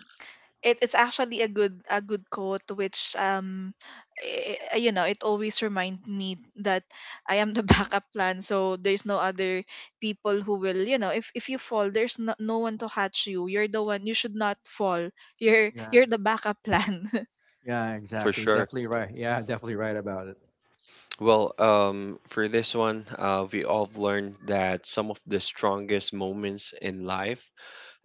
it's actually a good— a good quote, which, you know, it always reminds me that I am the backup plan, so there's no other people who will, you know, if you fall, there's no one to catch you, you're the one, you should not fall, you're Yeah. The backup plan. Yeah. for Exactly. sure. Definitely right. Yeah. Definitely right about it. Well, for this one, we all have learned that some of the strongest moments in life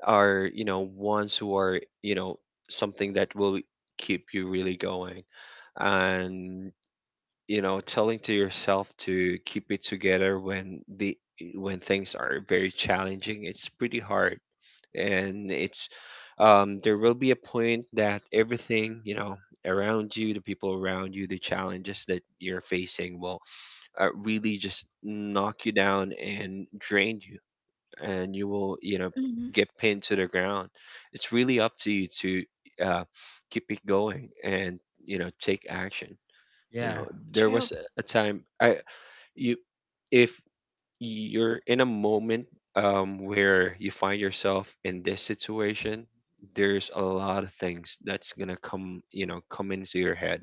are, ones who are, something that will keep you really going. And, telling to yourself to keep it together when the when things are very challenging, it's pretty hard. And it's there will be a point that everything around you, the people around you, the challenges that you're facing will really just knock you down and drain you, and you will Hmm. get pinned to the ground. It's really up to you to uh, keep it going and take action, you know Yeah. there True. was a time I you If you're in a moment where you find yourself in this situation, there's a lot of things that's gonna come, come into your head,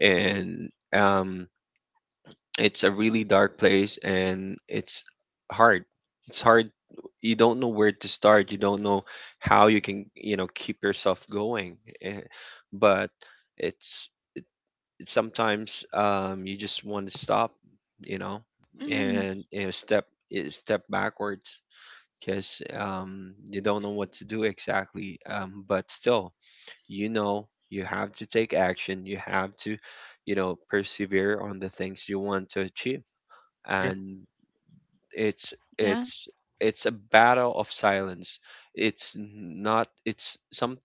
and um, it's a really dark place, and it's hard. It's hard. You don't know where to start. You don't know how you can, keep yourself going. Eh, but it's it's sometimes you just want to stop, you know, Mm, and step, eh, step backwards, because you don't know what to do exactly. But still, you have to take action. You have to, persevere on the things you want to achieve. Yep. And it's yeah. it's it's a battle of silence. It's not. It's some.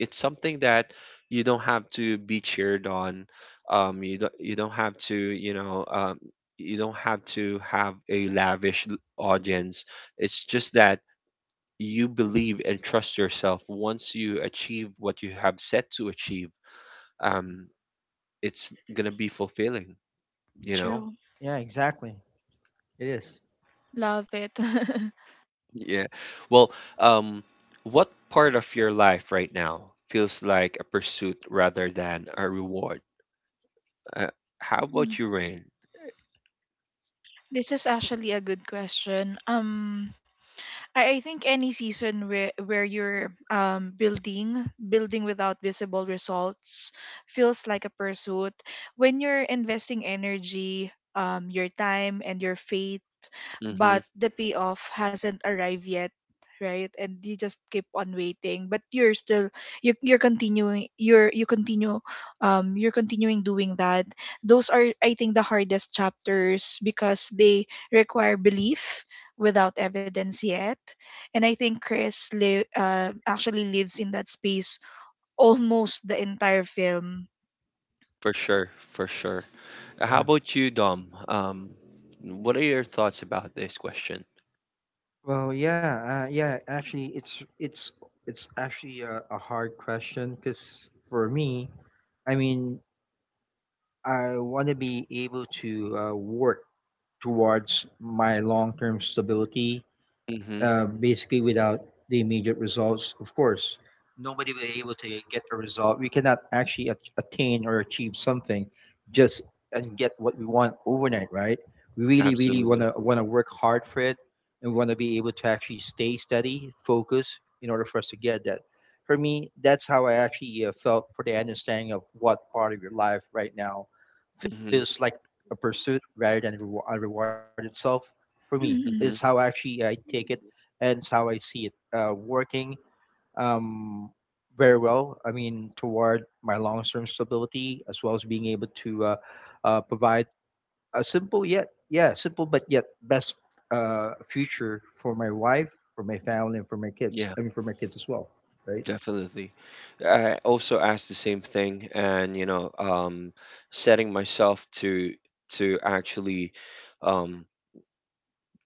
It's something that you don't have to be cheered on. You don't. You don't have to. You know. You don't have to have a audience. It's just that you believe and trust yourself. Once you achieve what you have set to achieve, Mhm. um it's gonna be fulfilling, you know True. Yeah, exactly. It is. Love it. yeah, well, um what part of your life right now feels like a pursuit rather than a reward? uh, how about Mm. you, Rain? This is actually a good question. I think any season where you're building without visible results feels like a pursuit. When you're investing energy, your time and your faith, Mm-hmm. but the payoff hasn't arrived yet, right? And you just keep on waiting, but you're still, you're continuing, you continue, you're continuing doing that. Those are, I think, the hardest chapters, because they require belief without evidence yet. And I think Chris actually lives in that space almost the entire film. For sure, for sure. How Yeah. about you, Dom? What are your thoughts about this question? Well, yeah. Actually, it's it's actually a hard question because for me, I mean, I want to be able to work towards my long term stability Mm-hmm. Basically without the immediate results, of course, nobody will be able to get a result. We cannot actually attain or achieve something just and get what we want overnight, right? We really Absolutely. Want to work hard for it, and want to be able to actually stay steady, focus, in order for us to get that. For me, that's how I actually felt for the understanding of what part of your life right now feels Mm-hmm. like a pursuit rather than a a reward itself. For me, it's how Mm, Mm-hmm. actually I take it and it's how I see it working um, very well. I mean, toward my long-term stability as well as being able to provide a simple yet yeah simple but yet best future for my wife, for my family, and for my kids. Yeah. I mean, for my kids as well, right? Definitely. I also asked the same thing, and you know, setting myself to actually um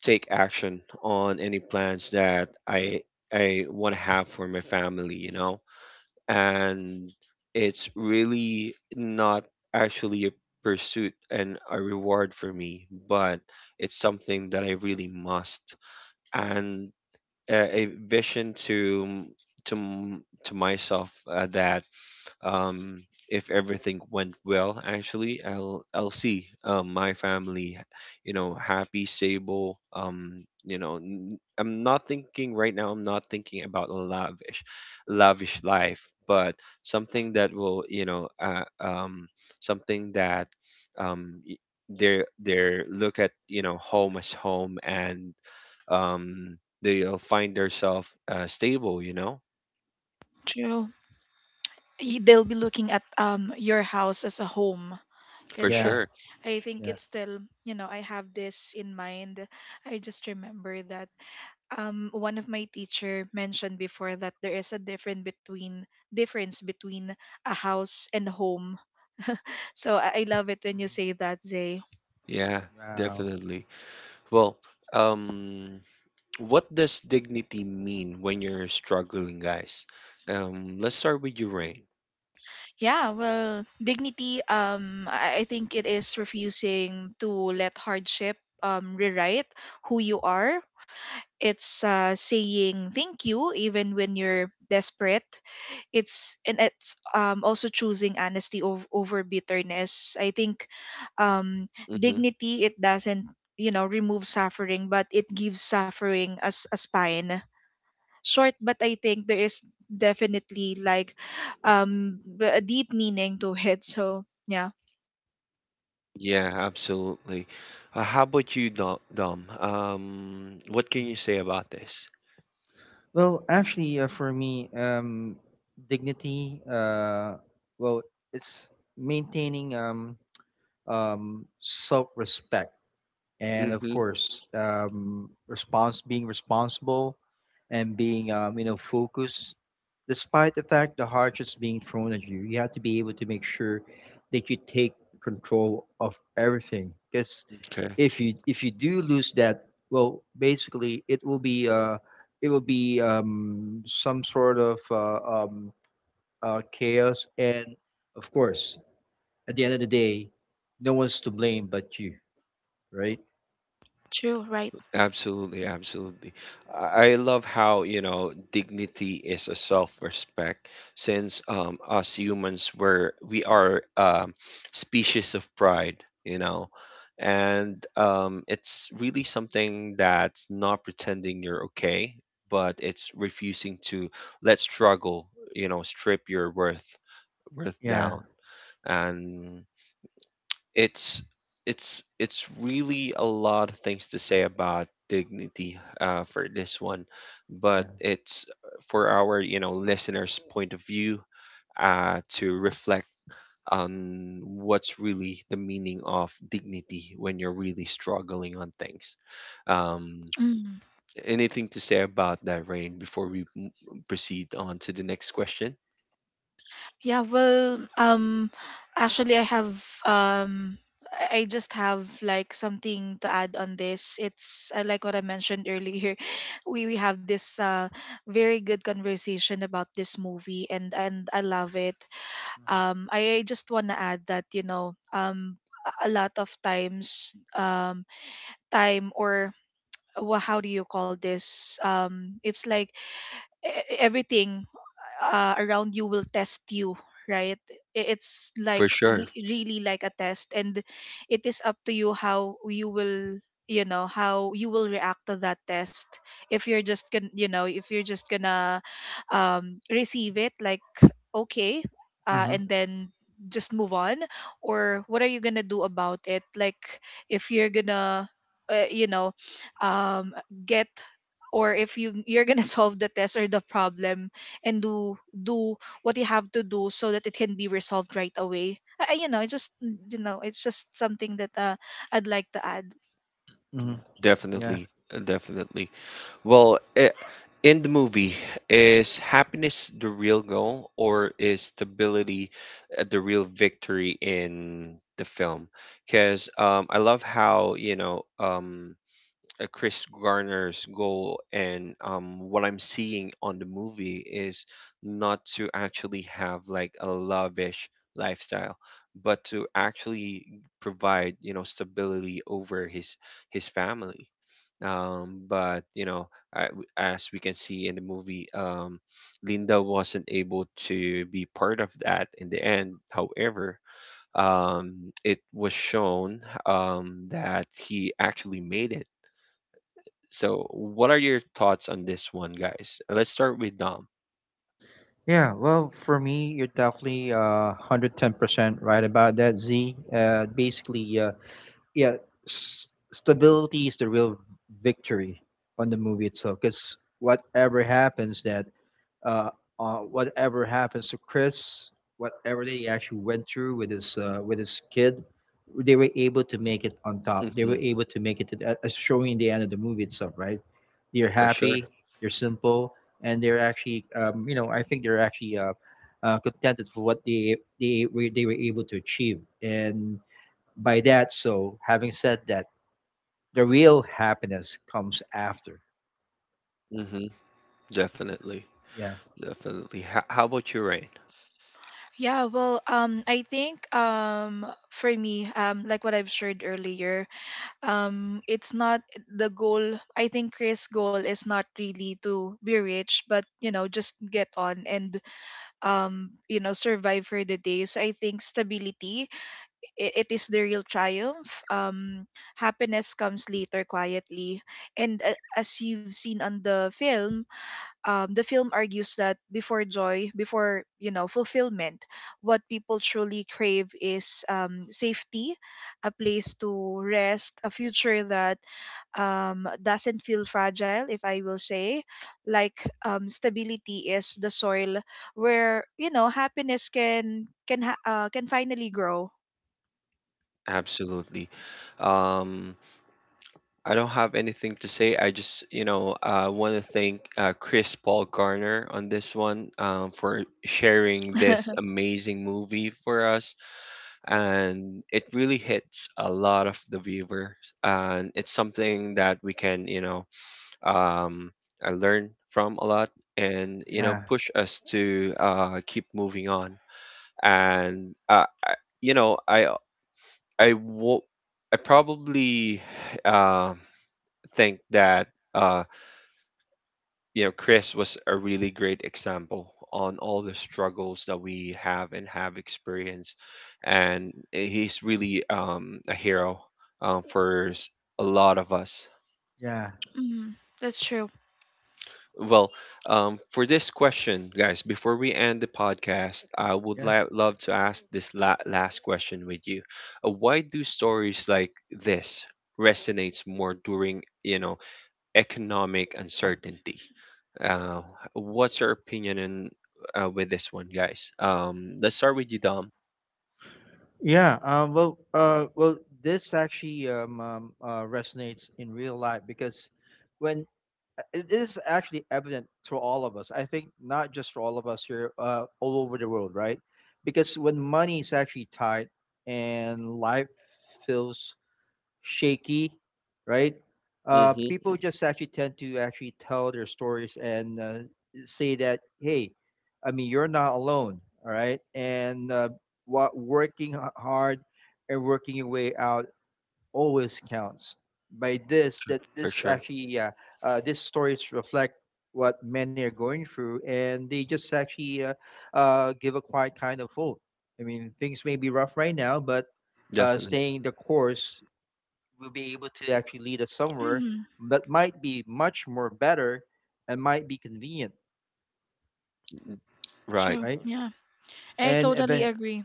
take action on any plans that I want to have for my family, you know. And it's really not actually a pursuit and a reward for me, but it's something that I really must, and a vision to to myself that um, if everything went well, actually, I'll see my family, you know, happy, stable. You know, I'm not thinking right now. I'm not thinking about a lavish, lavish life, but something that will, something that um, y- they're look at home as home, and they'll find themselves stable. You know, true. They'll be looking at your house as a home, for because, Yeah, sure. I think yeah. it's still, you know, I have this in mind. I just remember that one of my teacher mentioned before that there is a different between difference between a house and home. So I love it when you Mhm. say that, Zay. Yeah, Wow. definitely. Well, um, what does dignity mean when you're struggling, guys? Let's start with you, Rain. Yeah, well, dignity, I think it is refusing to let hardship rewrite who you are. It's, saying thank you even when you're desperate. It's, also choosing honesty over, bitterness. I think, um, Mm-hmm. dignity, it doesn't, you know, remove suffering, but it gives suffering as a spine. Short, but I think there is definitely, like, a deep meaning to it, so yeah. Yeah, absolutely. How about you, Dom? Dom? What can Mhm. you say about this? Well, actually, for me, dignity. Well, it's maintaining. Self respect, and of Mm-hmm. course, response being responsible and being you know focused, despite the fact the hardships being thrown at you. You have to be able to make sure that you take control of everything, because Okay. If you do lose that, well, basically it will be some sort of chaos and of course at the end of the day, no one's to blame but you, right? True, right? Absolutely, absolutely. I love how, you know, dignity is a self-respect, since us humans, we're we are species of pride, you know. And it's really something that's not pretending you're okay, but it's refusing to let struggle, you know, strip your worth Yeah. down. And it's it's really a lot of things to say about dignity for this one, but Yeah. it's for our listeners point of view to reflect on what's really the meaning of dignity when you're really struggling on things, um, Mm. anything to say about that, Rain, before we proceed on to the next question? Yeah, well, actually, I have, I just have, like, something to add on this. It's, like what I mentioned earlier. We have this very good conversation about this movie, and I love it. I just wanna add that, you know, a lot of times, time, or how do you call this, it's like everything, around you will test you, right? It's For like sure, really like a test. And it is up to you how you will, you know, how you will react to that test. If you're just gonna, you know, if you're just gonna receive it, like, okay, and Mhm. then just move on, or what are you gonna do about it, like, if you're gonna, you know, um get, or if you you're gonna solve the test or the problem, and do what you have to do so that it can be resolved right away. You know, I just, you know, it's just something that, I'd like to add. Mhm. Yeah. definitely, definitely. Well, I in the movie, is happiness the real goal, or is stability the real victory in the film? Because I love how, Chris Garner's goal and what I'm seeing on the movie is not to actually have like a lavish lifestyle, but to actually provide stability over his family. But you know, I, as we can see in the movie, Linda wasn't able to be part of that in the end. However, um, it was shown that he actually made it. So, what are your thoughts on this one, guys? Let's start with Dom. Yeah. Well, for me, you're definitely 110% right about that, Z. Basically yeah, stability is the real victory on the movie itself cuz whatever happens that uh, on whatever happens to Chris, whatever they actually went through with his kid, they were able to make it on top. They were Hmm. able to make it to the, as showing in the end of the movie itself, right? They're For sure. happy, they're simple, and they're actually, you know, I think they're actually contented for what they were, they were able to achieve. And by that, so having said that, the real happiness comes after. Hmm. Definitely. Yeah, Definitely. How about you, Rain? Yeah, well, I think, for me, like what I've shared earlier, it's not the goal. I think Chris' goal is not really to be rich, but, you know, just get on and, you know, survive for the day. So I think stability, it is the real triumph. Happiness comes later, quietly. And, as you've seen on the film argues that before joy, before, you know, fulfillment, what people truly crave is, safety, a place to rest, a future that, doesn't feel fragile, if I will say. Like, stability is the soil where, you know, happiness can finally grow. Absolutely. Um, I don't have anything to say. I just, you know, want to thank Chris Paul Garner on this one for sharing this amazing movie for us. And it really hits a lot of the viewers. And it's something that we can, um, I learn from a lot, and you know yeah, push us to keep moving on. And you know I I wo- I probably uh, think that uh, you know Chris was a really great example on all the struggles that we have and have experienced. And eh, he's really a hero, um, for s- a lot of us. yeah, Mm, that's true. Well, for this question, guys, before we end the podcast, I would yeah. Love to ask this last question with you. Why do stories like this resonates more during, you know, economic uncertainty? Uh, what's your opinion in, with this one, guys? Let's start with you, Dom. Well, this actually resonates in real life because when it is actually evident to all of us, I think not just for all of us here, all over the world, right? Because when money is actually tight and life feels shaky, right? Mm-hmm, People just actually tend to actually tell their stories and say that, hey, I mean, you're not alone, all right? And what working hard and working your way out always counts. By this, that for this sure. actually, these stories reflect what many are going through, and they just actually give a quiet kind of hope. I mean, things may be rough right now, but Definitely. staying the course will be able to actually lead us somewhere Mm, that might be much more better and might be convenient, Right. true. right? Right. Yeah, I And totally even agree.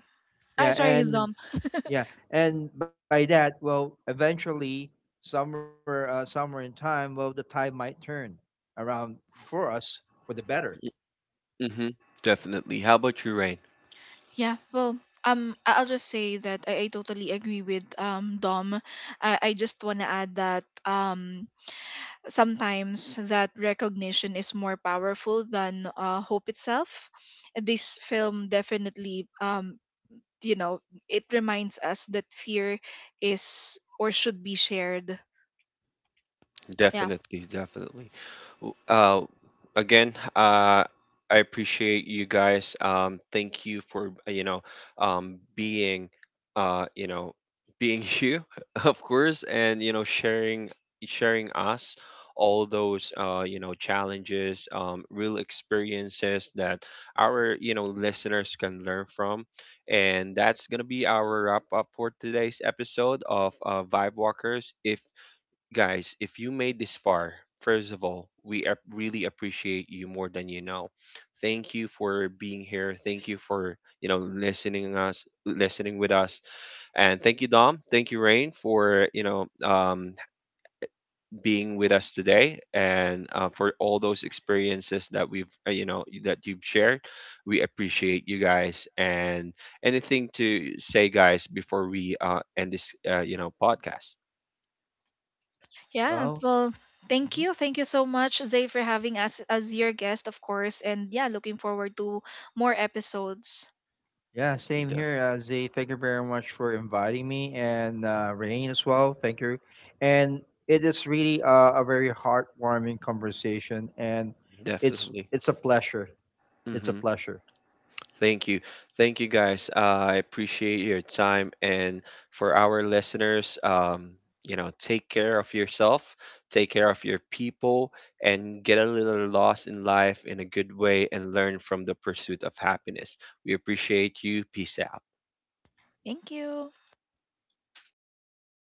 I yeah, sorry, his and Dom. yeah, and by that, well, eventually, somewhere in time, well, the tide might turn around for us for the better. Mm-hmm, definitely. How about you, Rain? Yeah. Well, I'll just say that I totally agree with Dom. I just wanna add that, sometimes that recognition is more powerful than hope itself. And this film definitely, you know, it reminds us that fear is, or should be, shared. Yeah. Definitely, definitely. W- Uh, again, I appreciate you guys. Thank you for being, uh, you know, being you, of course, and you know, sharing us all those challenges, real experiences that our listeners can learn from. And that's gonna be our wrap up for today's episode of Vibe Walkers. If guys, if you made this far, first of all, we really appreciate you more than you know. Thank you for being here. Thank you for listening us, listening with us. And thank you, Dom. Thank you, Rain, for being with us today, and for all those experiences that we've that you've shared. We appreciate you guys. And anything to say, guys, before we end this podcast? Yeah, Well, well, thank mhm. you. Thank you so much, Zay, for having us as your guest, of course. And yeah, looking forward to more episodes. Yeah, same Def- here. Zay, thank you very much for inviting me and Rain as well. Thank you. And it is really a very heartwarming conversation, and it's definitely. it's a pleasure. It's a Hmm. pleasure. Thank you. Thank you guys. I appreciate your time. And for our listeners, you know, take care of yourself, take care of your people, and get a little lost in life in a good way, and learn from the pursuit of happiness. We appreciate you. Peace out. Thank you.